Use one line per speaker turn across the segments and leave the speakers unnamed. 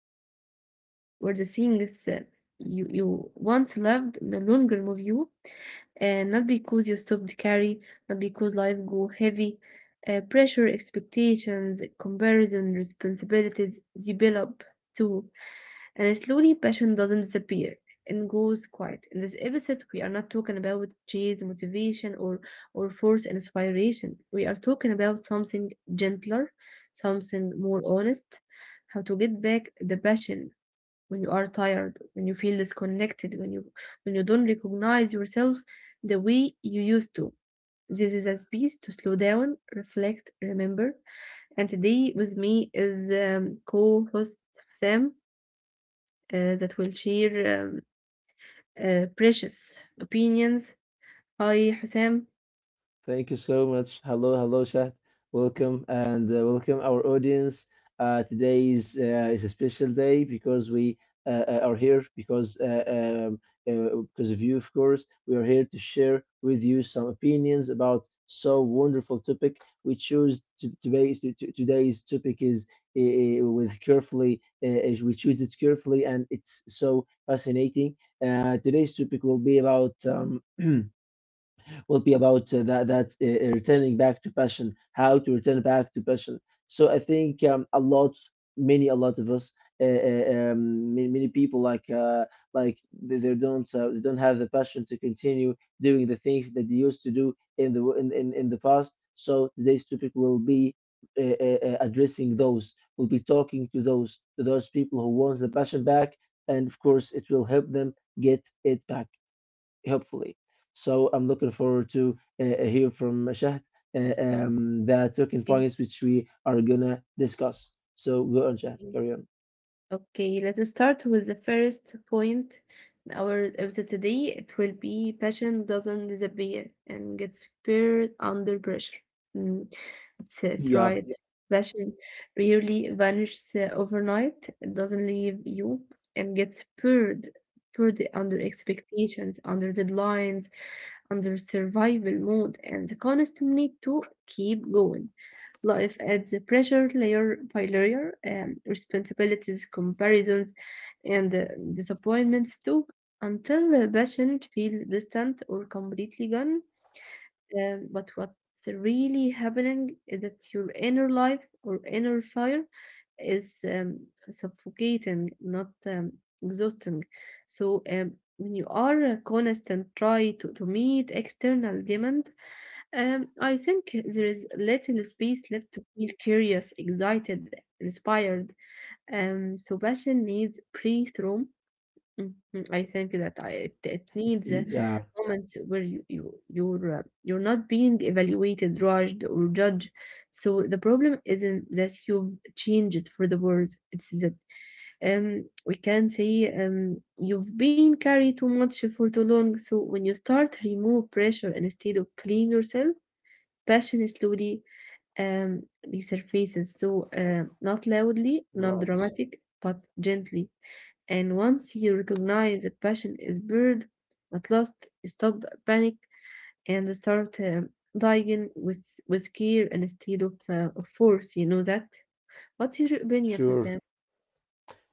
reached the point where the things you once loved no longer move you? And not because you stopped carry, not because life grew heavy, pressure, expectations, comparison, responsibilities develop too. And slowly passion doesn't disappear and goes quiet. In this episode, we are not talking about chase motivation or force inspiration. We are talking about something gentler, something more honest, how to get back the passion when you are tired, when you feel disconnected, when you don't recognize yourself the way you used to. This is a space to slow down, reflect, remember. And today with me is co-host Sam that will share um, precious opinions. Hi, Hussam.
Thank you so much. Hello, hello, Shah. Welcome and welcome our audience. Today is a special day because we are here um, because of you, of course. We are here to share with you some opinions about so wonderful topic. We chose to, today's to- Today's topic is with carefully. We choose it carefully, and it's so fascinating. Today's topic will be about. Will be about that that returning back to passion, how to return back to passion. So I think a lot of us, many people like they don't they don't have the passion to continue doing the things that they used to do in the past. So today's topic will be. Addressing those will be talking to those people who wants the passion back, and of course it will help them get it back, hopefully. So I'm looking forward to hear from Shahd the talking points which we are gonna discuss. So go on, Shahd, carry on.
Okay, let's start with the first point in our episode today. It will be passion doesn't disappear and gets spared under pressure. Mm, it's right.
Yeah,
Yeah. Passion rarely vanishes overnight. It doesn't leave you and gets spurred, spurred under expectations, under deadlines, under survival mode, and the constant need to keep going life adds pressure layer by layer, responsibilities, comparisons, and disappointments too, until the passion feels distant or completely gone. But what's really happening is that your inner life or inner fire is suffocating, not exhausting. So when you are constant try to meet external demand, I think there is little space left to feel curious, excited, inspired. So passion needs breathe room. Mhm, I think that it, it needs
yeah,
moments where you're not being evaluated, judged, or judged. So the problem isn't that you've changed for the worse. It's that we can say you've been carried too much for too long. So when you start remove pressure instead of blame yourself, passion slowly um, resurfaces, so not loudly, not
right.
dramatic, but gently. And once you recognize that passion is buried, at last you stop panic and start dying with care instead of force. You know that. What's your opinion,
Sure.
Hussein?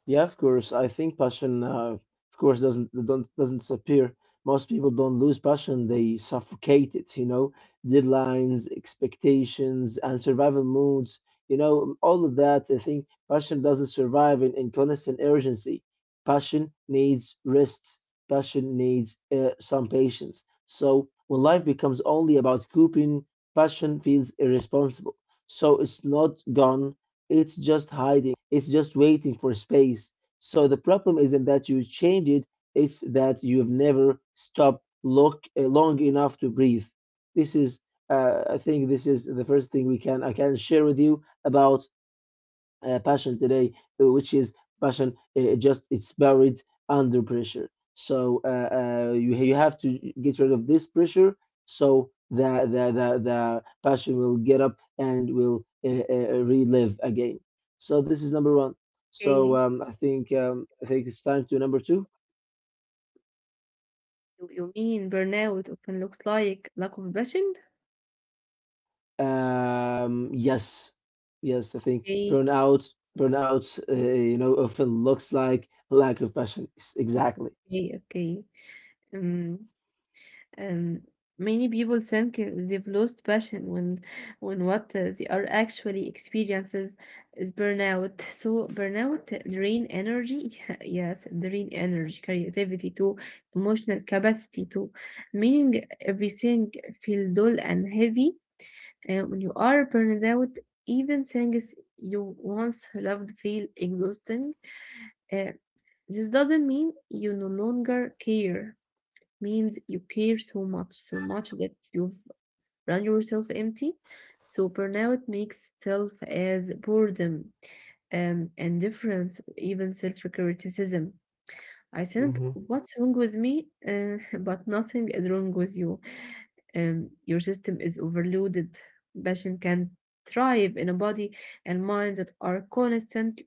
Yeah, of course. I think passion, of course, doesn't don't doesn't disappear. Most people don't lose passion; they suffocate it. You know, deadlines, expectations, and survival moods. You know, all of that. I think passion doesn't survive in constant urgency. Passion needs rest. Passion needs some patience. So when life becomes only about coping, passion feels irresponsible. So it's not gone, it's just hiding. It's just waiting for space. So the problem isn't that you change it, it's that you've never stopped long enough to breathe. This is, I think this is the first thing we can I can share with you about passion today, which is passion just it's buried under pressure. So you you have to get rid of this pressure so the passion will get up and will relive again. So this is number one. So
Okay,
I think it's time to number two.
you mean burnout often looks like lack of passion?
Yes, yes, I think
Okay,
burnout you know often looks like lack of passion. Exactly.
okay, okay. Um, Um, Many people think they've lost passion when what they are actually experiences is burnout. So burnout drain energy, yes, drain energy, creativity too, emotional capacity too, meaning everything feel dull and heavy. And when you are burned out, even things you once loved feel exhausting. Uh, this doesn't mean you no longer care means you care so much, so much that you've run yourself empty. So burnout makes itself as boredom, indifference, or even self-criticism. I think
Mhm.
what's wrong with me, but nothing is wrong with you. Your system is overloaded. Passion can thrive in a body and mind that are constant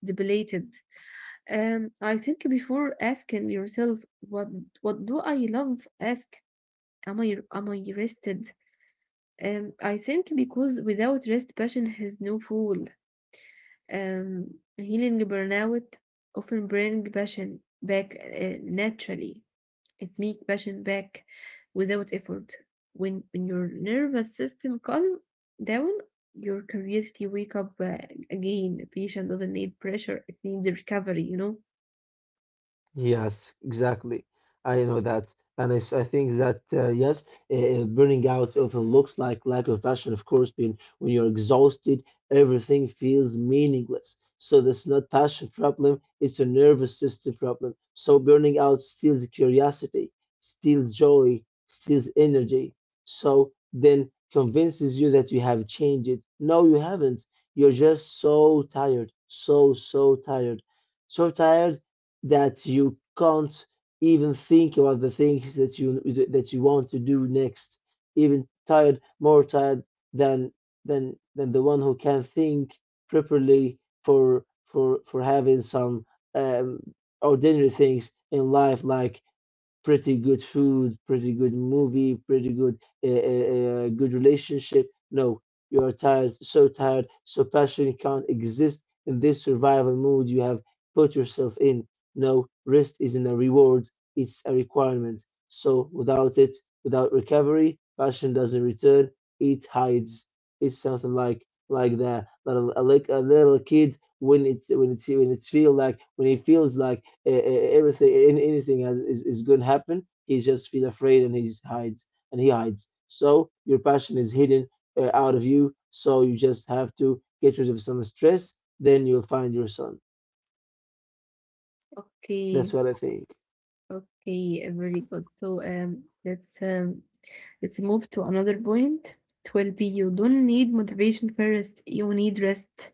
depleted. I think before asking yourself what do I love, ask am I rested? I think because without rest, passion has no fuel. Healing burnout often bring passion back naturally. It make passion back without effort. When your nervous system calm down, your curiosity wake up again. Passion doesn't need pressure; it needs recovery. You know.
Yes, exactly. I know that. And it's, I think that, yes, burning out often looks like lack of passion, of course, being when you're exhausted, everything feels meaningless. So that's not passion problem, it's a nervous system problem. So burning out steals curiosity, steals joy, steals energy. So then convinces you that you have changed it. No, you haven't. You're just so tired, so tired, so tired that you can't even think about the things that you, that you want to do next, even tired, more tired than than the one who can think properly for having some um, ordinary things in life like pretty good food, pretty good movie, pretty good good relationship. No, you are tired, so passionate can't exist in this survival mode you have put yourself in. No, rest isn't a reward; it's a requirement. So without it, without recovery, passion doesn't return. It hides. It's something like that. Like a little kid when it feel like, when he feels like everything, anything has, is going to happen, he just feel afraid and he hides and he hides. So your passion is hidden out of you, so you just have to get rid of some stress, then you'll find your son. That's
Okay.
what I think.
Okay. Very good. So let's move to another point. It will be you don't need motivation first, you need rest.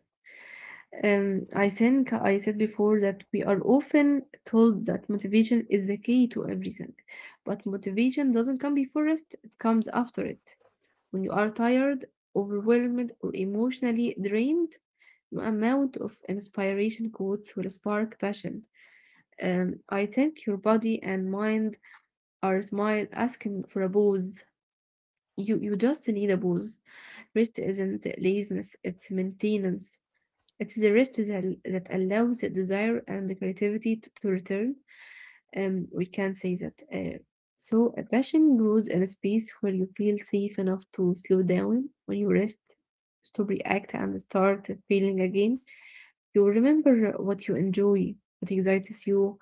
I think I said before that we are often told that motivation is the key to everything, but motivation doesn't come before rest, it comes after it. When you are tired, overwhelmed, or emotionally drained, no amount of inspiration quotes will spark passion. I think your body and mind are smile asking for a pause. You just need a pause. Rest isn't laziness, it's maintenance. It's the rest that allows the desire and the creativity to return. We can say that. So a passion grows in a space where you feel safe enough to slow down when you rest, stop react and start feeling again. You remember what you enjoy, what excites you,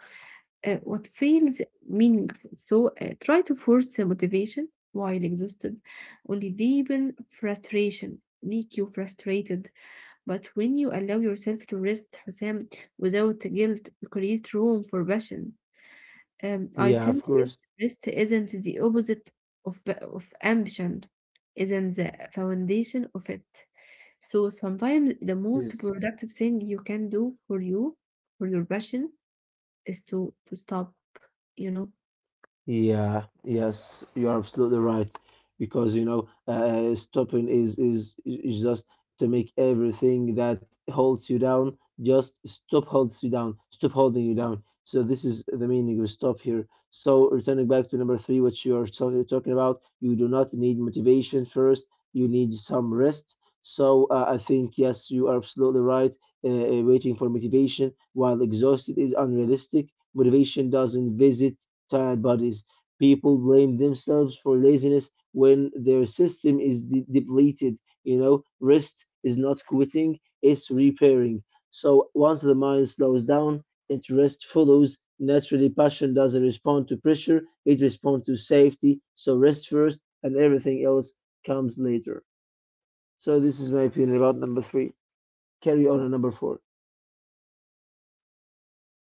what feels meaningful. So try to force the motivation while exhausted. Only deepen frustration, make you frustrated. But when you allow yourself to rest, Hussam, without guilt, you create room for passion. I
Yeah, of
think rest,
course.
rest isn't the opposite of, pa- of ambition, isn't the foundation of it. So sometimes the most productive thing you can do for you, for your passion, is to stop. You know.
Yeah, yes, you're absolutely right. Because you know, stopping is, just to make everything that holds you down just stop holds you down, stop holding you down. So this is the meaning of stop here. So returning back to number three, which you are talking about, you do not need motivation first. You need some rest. So I think yes, you are absolutely right. Waiting for motivation while exhausted is unrealistic. Motivation doesn't visit tired bodies. People blame themselves for laziness when their system is depleted. You know, rest is not quitting, it's repairing. So once the mind slows down, it rest follows. Naturally, passion doesn't respond to pressure, it responds to safety. So rest first, and everything else comes later. So this is my opinion about number three. Carry on to number four.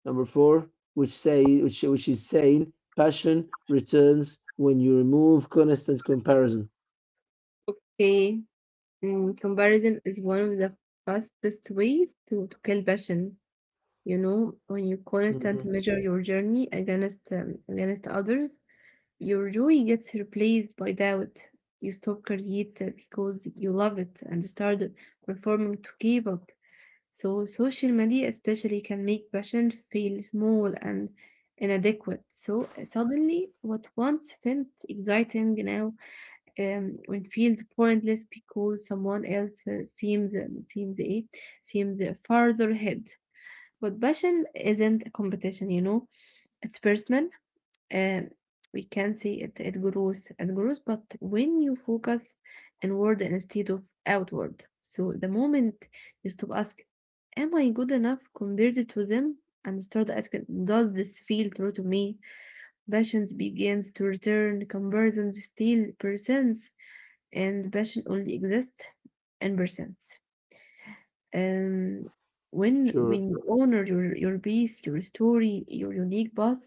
Number four, which is saying passion returns when you remove constant comparison.
Okay, mm, comparison is one of the fastest ways to kill passion. You know, when you constantly
Hmm.
measure your journey against against others, your joy gets replaced by doubt. You stop creating because you love it and start performing to keep up. So social media especially can make passion feel small and inadequate. So suddenly, what once felt exciting now it feels pointless because someone else seems ايه seems farther ahead, but passion isn't a competition, you know, it's personal. um, we can see it, it grows, it grows, but when you focus inward instead of outward, so the moment you stop asking am I good enough compared to them and start asking does this feel true to me, passion begins to return, comparison still persists, and passion only exists and persists. Um, when
Sure,
when you honor your peace, your story, your unique path,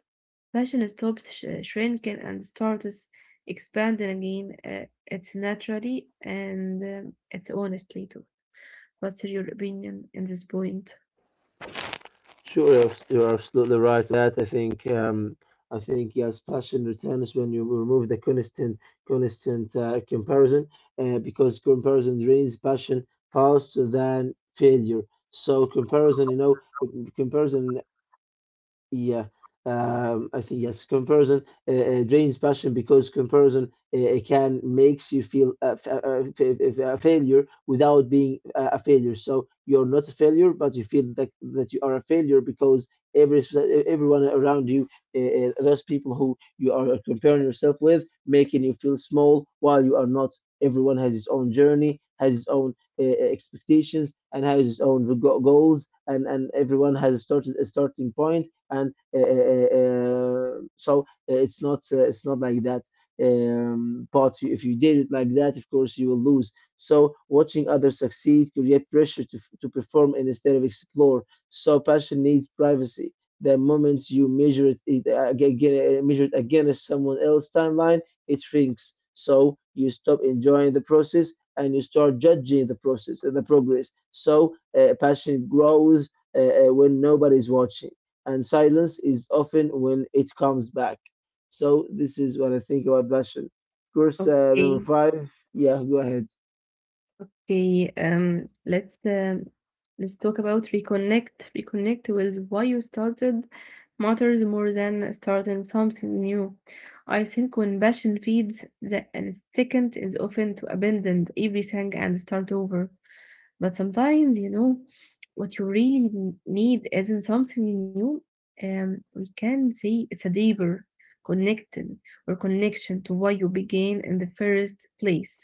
passion stops sh- shrinking and starts expanding again. It's naturally and it's honestly too. What's your opinion in this point?
sure, you're absolutely right. That I think yes, passion returns when you remove the constant comparison, because comparison drains passion faster than failure. So comparison, you know, comparison. Yeah, I think yes, comparison drains passion because comparison it can makes you feel a failure without being a failure. So you're not a failure, but you feel that you are a failure because every s- everyone around you, those people who you are comparing yourself with, making you feel small while you are not. Everyone has his own journey, has his own expectations, and has his own goals, and everyone has started a starting point and it's not like that, but if you did it like that, of course you will lose. So watching others succeed create pressure to perform instead of explore. So passion needs privacy. The moment you measure it, it again, measure it against someone else's timeline, it shrinks, so you stop enjoying the process and you start judging the process and the progress. So passion grows when nobody's watching, and silence is often when it comes back. So this is what I think about passion. Of course, number
Okay.
five. Yeah, go ahead.
Okay, let's talk about reconnect. Reconnect with why you started matters more than starting something new. I think when passion feeds, the instinct is often to abandon everything and start over. But sometimes, you know, what you really n- need isn't something new. We can say it's a deeper connection or connection to why you began in the first place.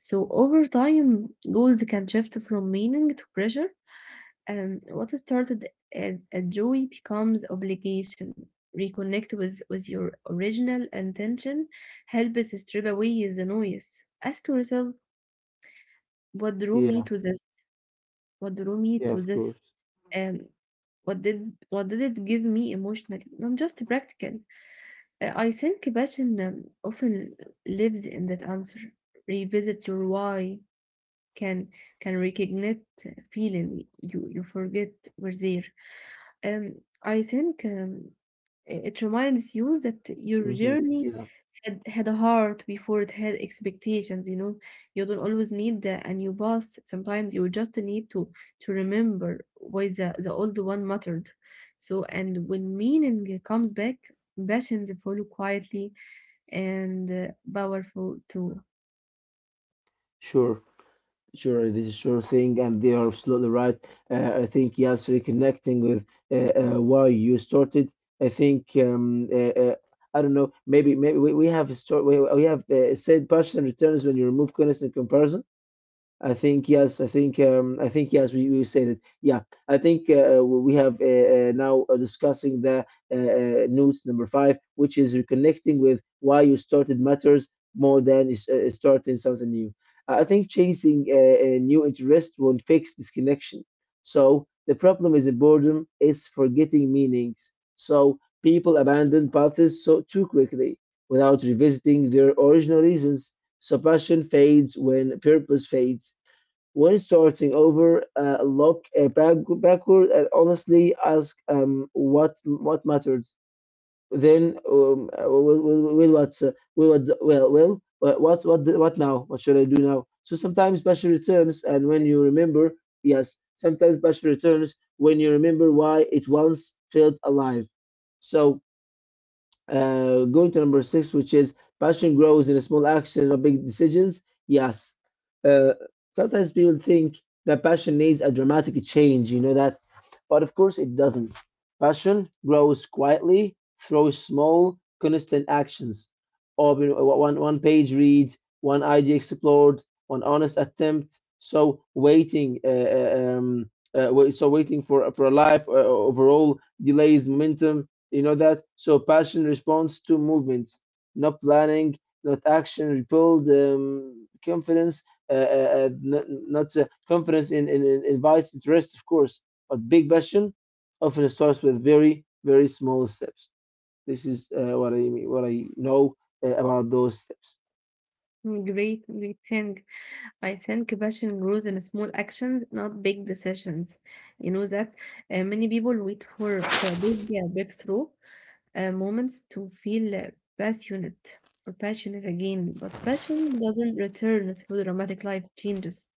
So over time, goals can shift from meaning to pressure, and what started as a joy becomes obligation. Reconnect with your original intention, help us strip away the noise. Ask yourself, what drew me
Yeah,
to this? What drew me
yeah,
to
of
this?
course.
Um, what did it give me emotionally? Not just practical. I think passion often lives in that answer. Revisit your why, can can recognize feeling you forget were there. Um, I think it reminds you that your
Hmm.
journey
Yeah,
had a heart before it had expectations. You know, you don't always need a new past. Sometimes you just need to remember why the old one mattered. So, and when meaning comes back, passions follow quietly and powerful too.
sure, sure. This is sure thing, and they are absolutely right. I think yes, reconnecting with why you started. I think I don't know. Maybe we have a story. We have said passion returns when you remove constant comparison. I think yes. I think yes. We say that. Yeah. I think we have now discussing the notes number five, which is reconnecting with why you started matters more than starting something new. I think chasing a new interest won't fix this connection. So the problem is boredom is forgetting meanings. So people abandon paths so too quickly without revisiting their original reasons. So passion fades when purpose fades. When starting over, look back, backward and honestly ask what mattered. Then will what well well what the- what now? What should I do now? So sometimes passion returns, and when you remember, yes, sometimes passion returns when you remember why it once felt alive. So going to number six, which is passion grows in small actions or big decisions. Yes. Uh, Sometimes people think that passion needs a dramatic change, you know that? But of course, it doesn't. Passion grows quietly through small, constant actions. Or you know, one page read, one idea explored, one honest attempt. So waiting for a life overall delays momentum, you know that? So passion responds to movements, not planning, not action, repelled confidence, not confidence in, in invites interest, of course, but big passion often starts with very, very small steps. This is what I mean, what I know about those steps.
Great, great thing. I think passion grows in small actions, not big decisions. You know that many people wait for a big breakthrough moments to feel passionate or passionate again. But passion doesn't return through dramatic life changes.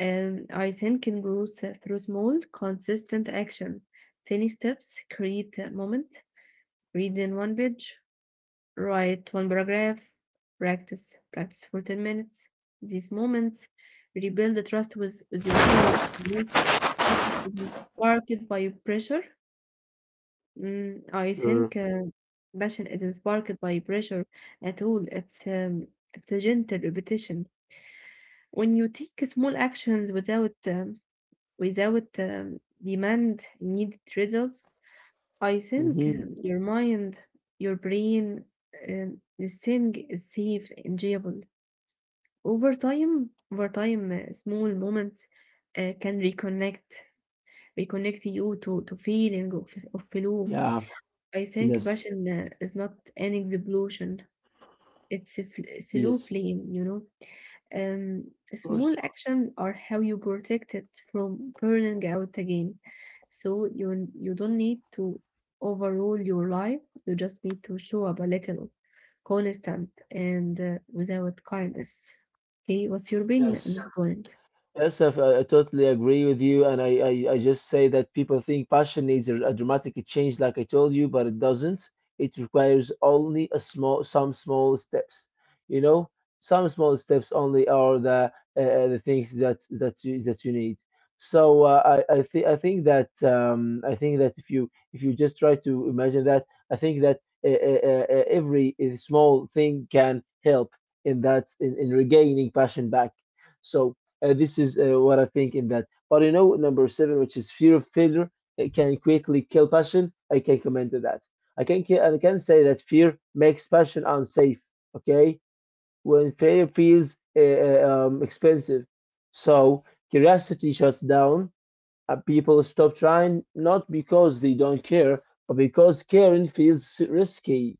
I think it grows through small, consistent action. Tiny steps create a moment. Read in one page, write one paragraph, practice, practice for 10 minutes. These moments rebuild the trust with yourself. Most passion isn't sparked by pressure. Mm, I think
Sure.
Passion isn't sparked by pressure at all. It's a gentle repetition. When you take small actions without demand immediate results, I think
Hmm.
your mind, your brain, this thing is safe, enjoyable. Over time small moments can reconnect reconnect you to feeling of flow.
Yeah.
I think
Yes.
passion is not an explosion, it's a fl- slow
Yes.
flame, you know. um,
Of
small
course.
actions are how you protect it from burning out again. So you don't need to overrule your life. You just need to show up a little, constant, and without kindness. Okay, what's your opinion at
Yes.
this point?
Yes, I totally agree with you, and I just say that people think passion needs a dramatic change, like I told you, but it doesn't. It requires only a small, some small steps. You know, some small steps only are the things that that you need. So I think, I think that if you, if you just try to imagine that, I think that every small thing can help in in regaining passion back. So. This is what I think in that. But you know, number seven, which is fear of failure, it can quickly kill passion. I can comment to that. I can say that fear makes passion unsafe. Okay, when failure feels expensive, so curiosity shuts down. People stop trying not because they don't care, but because caring feels risky.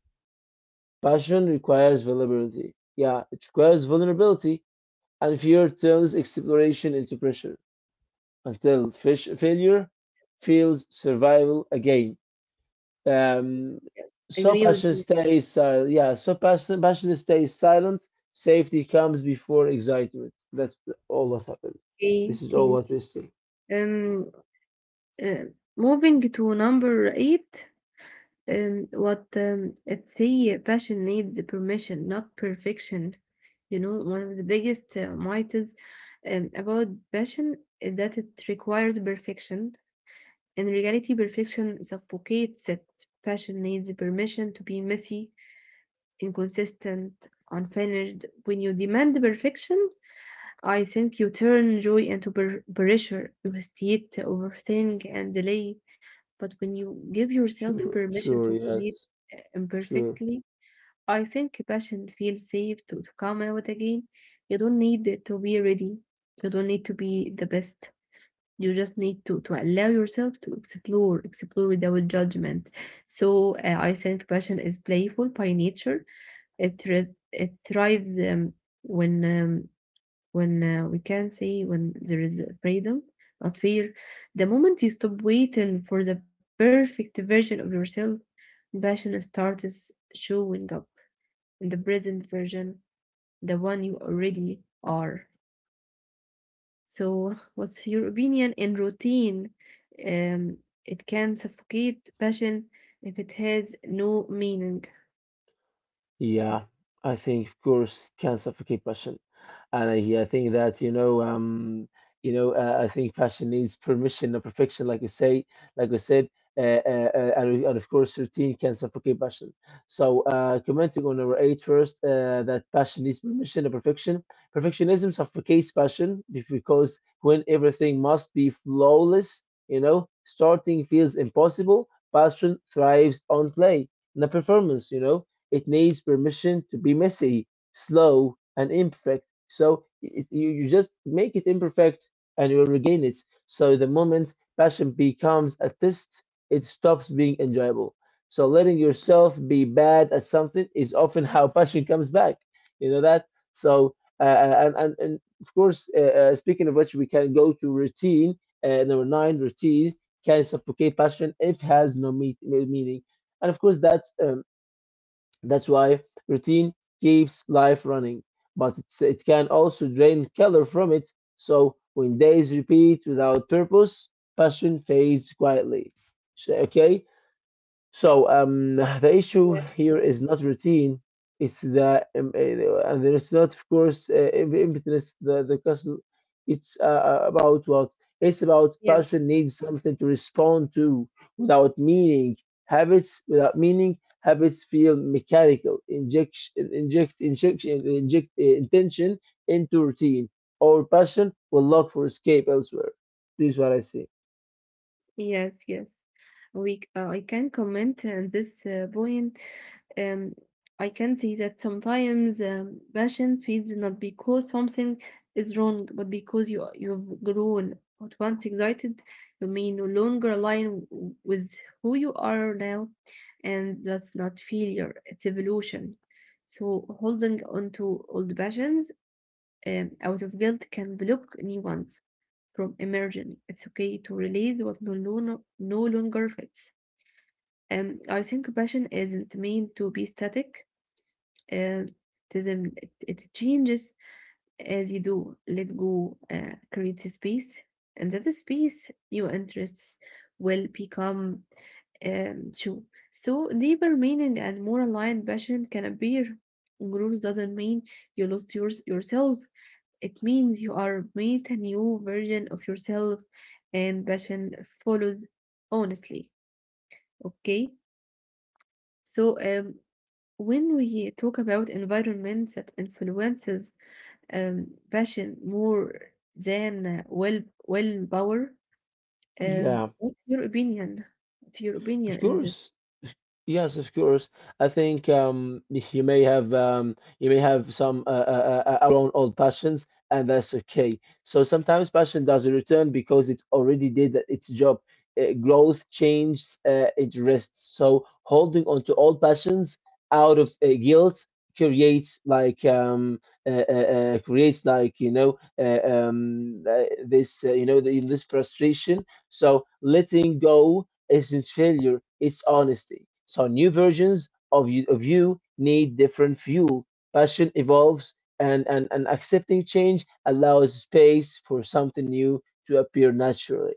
Passion requires vulnerability. Yeah, it requires vulnerability, and fear turns exploration into pressure until fish failure feels survival again. Um,
Yes,
so
agree with
passion
you.
stays silent. Yeah, so passion stays silent. Safety comes before excitement. That's all what happened.
Okay,
This is
okay.
all what we see.
Um, uh, moving to number eight. What it's the Passion needs permission, not perfection. You know, one of the biggest myths about passion is that it requires perfection. In reality, perfection suffocates it. Passion needs permission to be messy, inconsistent, unfinished. When you demand perfection, I think you turn joy into per- pressure, you hesitate, overthink, and delay. But when you give yourself
Sure,
permission
sure,
to create
yes, sure.
imperfectly, I think passion feels safe to come out again. You don't need it to be ready. You don't need to be the best. You just need to allow yourself to explore, explore without judgment. So I think passion is playful by nature. It thrives when um, when we can say when there is freedom, not fear. The moment you stop waiting for the perfect version of yourself, passion starts showing up in the present version, the one you already are. So, what's your opinion in routine? Um, it can suffocate passion if it has no meaning.
Yeah, I think of course can suffocate passion, and yeah, I think that I think passion needs permission, not perfection, like you say, like we said, and of course, routine can suffocate passion. So, commenting on number eight first, that passion needs permission, not perfection. Perfectionism suffocates passion because when everything must be flawless, you know, starting feels impossible. Passion thrives on play, not performance, you know it needs permission to be messy, slow, and imperfect. So you just make it imperfect and you will regain it. So the moment passion becomes a test, it stops being enjoyable. So letting yourself be bad at something is often how passion comes back. You know that? So, and of course, speaking of which, we can go to routine. Number nine, routine can suffocate passion if it has no meaning. And of course, that's why routine keeps life running, but it can also drain color from it. So when days repeat without purpose, passion fades quietly. So, okay, so the issue
Yes,
here
yes,
is not routine. It's the and there is not, of course, impetus. The custom. It's about what? It's about
yes,
passion needs something to respond to without meaning. Habits without meaning. Habits feel mechanical. Inject inject injection inject intention into routine. Or passion will look for escape elsewhere. This is what I see.
yes, yes. I can comment on this point. Um, I can see that sometimes passion fades not because something is wrong, but because you've grown. But once excited, you may no longer align with who you are now, and that's not failure; it's evolution. So holding on to old passions out of guilt can block new ones from emerging. It's okay to release what no longer fits. I think passion isn't meant to be static uh, it changes as you do. Let go creates a space, and that space, your interests will become true. So, deeper meaning and more aligned passion can appear. Growth doesn't mean you lost yourself. It means you are made a new version of yourself, and passion follows honestly. Okay, so when we talk about environment that influences passion more than willpower.
Yeah.
What's your opinion? What's your opinion
Of
in this?
course. Yes, of course. I think you may have some our own old passions, and that's okay. So sometimes passion doesn't return because it already did its job. Growth, change, it rests. So holding on to old passions out of guilt creates creates like this this frustration. So letting go isn't failure, it's honesty. So new versions of you need different fuel. Passion evolves and accepting change allows space for something new to appear naturally.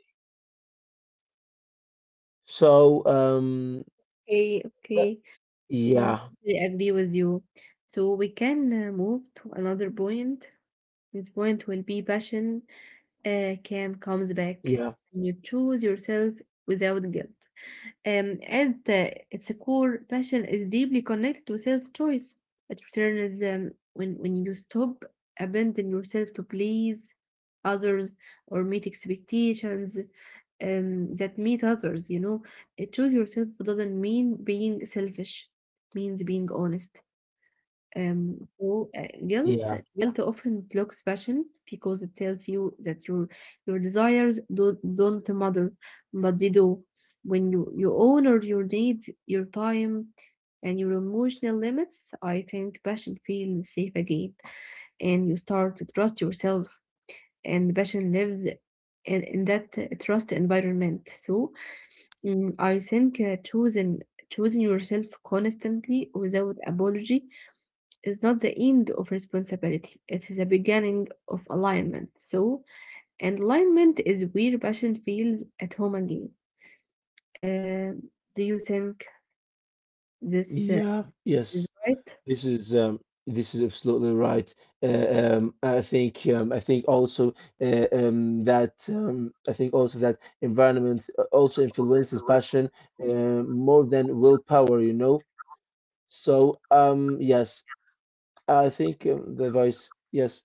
So
Okay, okay, mm,
yeah,
I agree with you. So we can move to another point. This point will be passion can comes
yeah,
back. You choose yourself without guilt. And its core passion is deeply connected to self-choice. It returns when you stop abandon yourself to please others or meet expectations that meet others. You know, choose yourself doesn't mean being selfish. It means being honest. So guilt
yeah,
guilt often blocks passion because it tells you that your desires don't matter, but they do. When you honor your needs, your time, and your emotional limits, I think passion feels safe again, and you start to trust yourself. And passion lives in that trust environment. So mm, I think choosing yourself constantly without apology is not the end of responsibility, it is the beginning of alignment. So, and alignment is where passion feels at home again. Uh, do you think this
yeah,
is
yes.
right?
This is um, this is absolutely right. I think also that I think also that environment also influences passion more than willpower, you know. So yes, I think the advice, yes.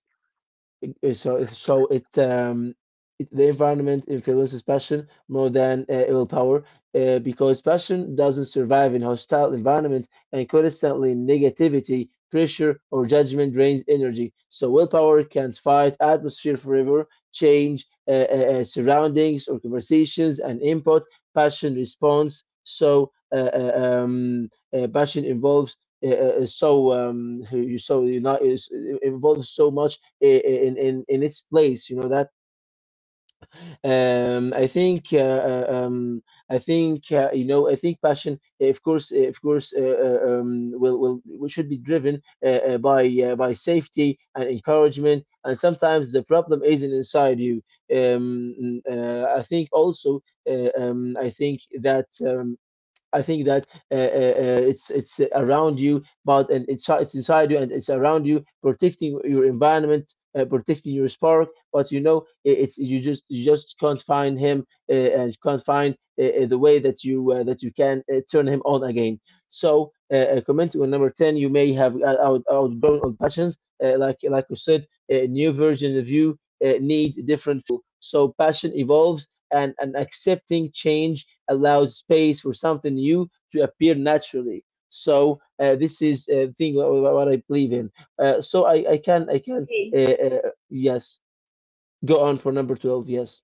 So it, it the environment influences passion more than willpower, because passion doesn't survive in hostile environment, and constantly negativity, pressure, or judgment drains energy. So, willpower can't fight atmosphere forever, change surroundings or conversations and input. Passion responds. So, passion involves. Uh, uh, uh, so you not is involves so much in its place you know that um i think uh, uh, um I think I think passion of course will should be driven by safety and encouragement and sometimes the problem isn't inside you I think also uh, um i think that um I think that it's around you, but and it's inside you and it's around you, protecting your environment, protecting your spark. But you know, I- it's you just can't find him and you can't find the way that you can turn him on again. So, commenting on number ten, you may have outgrown on passions, like we said, a new version of you need different. So passion evolves and accepting change allows space for something new to appear naturally. So this is what I believe in. I can
Okay,
yes go on for number 12. Yes,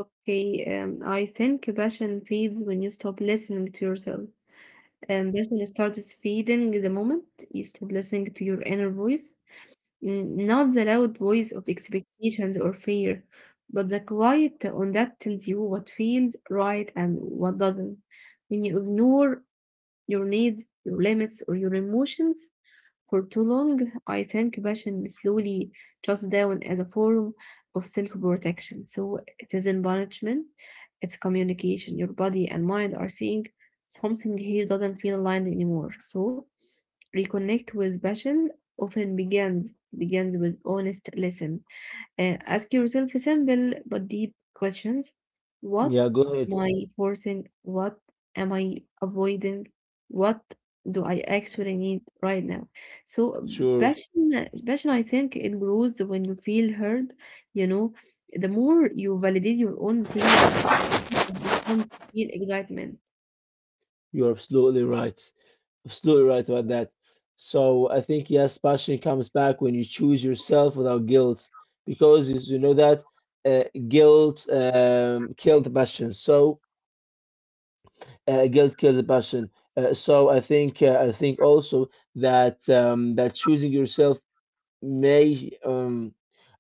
okay. I think passion fades when you stop listening to yourself. Passion starts fading the moment you stop listening to your inner voice. Mm, not the loud voice of expectations or fear, but the quiet on that tells you what feels right and what doesn't. When you ignore your needs, your limits, or your emotions for too long, I think passion slowly shuts down as a form of self protection. So it isn't punishment, it's communication. Your body and mind are saying something here doesn't feel aligned anymore. So reconnect with passion often begins with honest listen. Ask yourself simple but deep questions. What
yeah, go
am
ahead.
I forcing? What am I avoiding? What do I actually need right now? So
Sure,
passion I think it grows when you feel heard, you know. The more you validate your own feeling, it becomes real excitement.
you're absolutely right. Absolutely right about that. So I think yes, passion comes back when you choose yourself without guilt, because you know that guilt killed passion. So guilt kills a passion. I think also that that may um,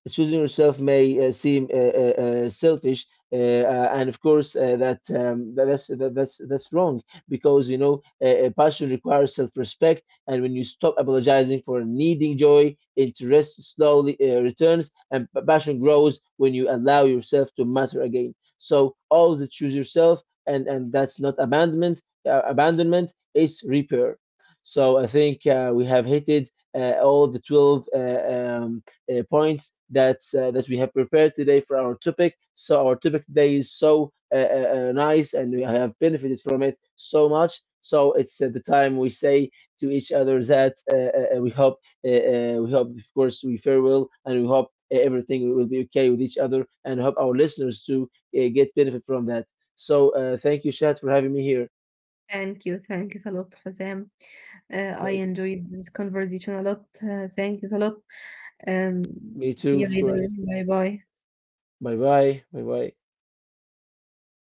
choosing yourself may seem selfish, and of course that's wrong because you know passion requires self-respect, and when you stop apologizing for needing joy, interest slowly returns, and passion grows when you allow yourself to matter again. So always choose yourself, and that's not abandonment. Abandonment it's repair. So I think we have hit it all the 12 points that that we have prepared today for our topic. So our topic today is so nice, and we have benefited from it so much. So it's at the time we say to each other that we hope of course we farewell and we hope everything will be okay with each other and hope our listeners to get benefit from that so thank you Shad for having me here
Thank you. Thank you a lot, Hussam. I
thank you
enjoyed this conversation a lot. Thank you a lot. Um,
me
See
too
you
of
later.
course
Bye bye.
bye bye bye bye.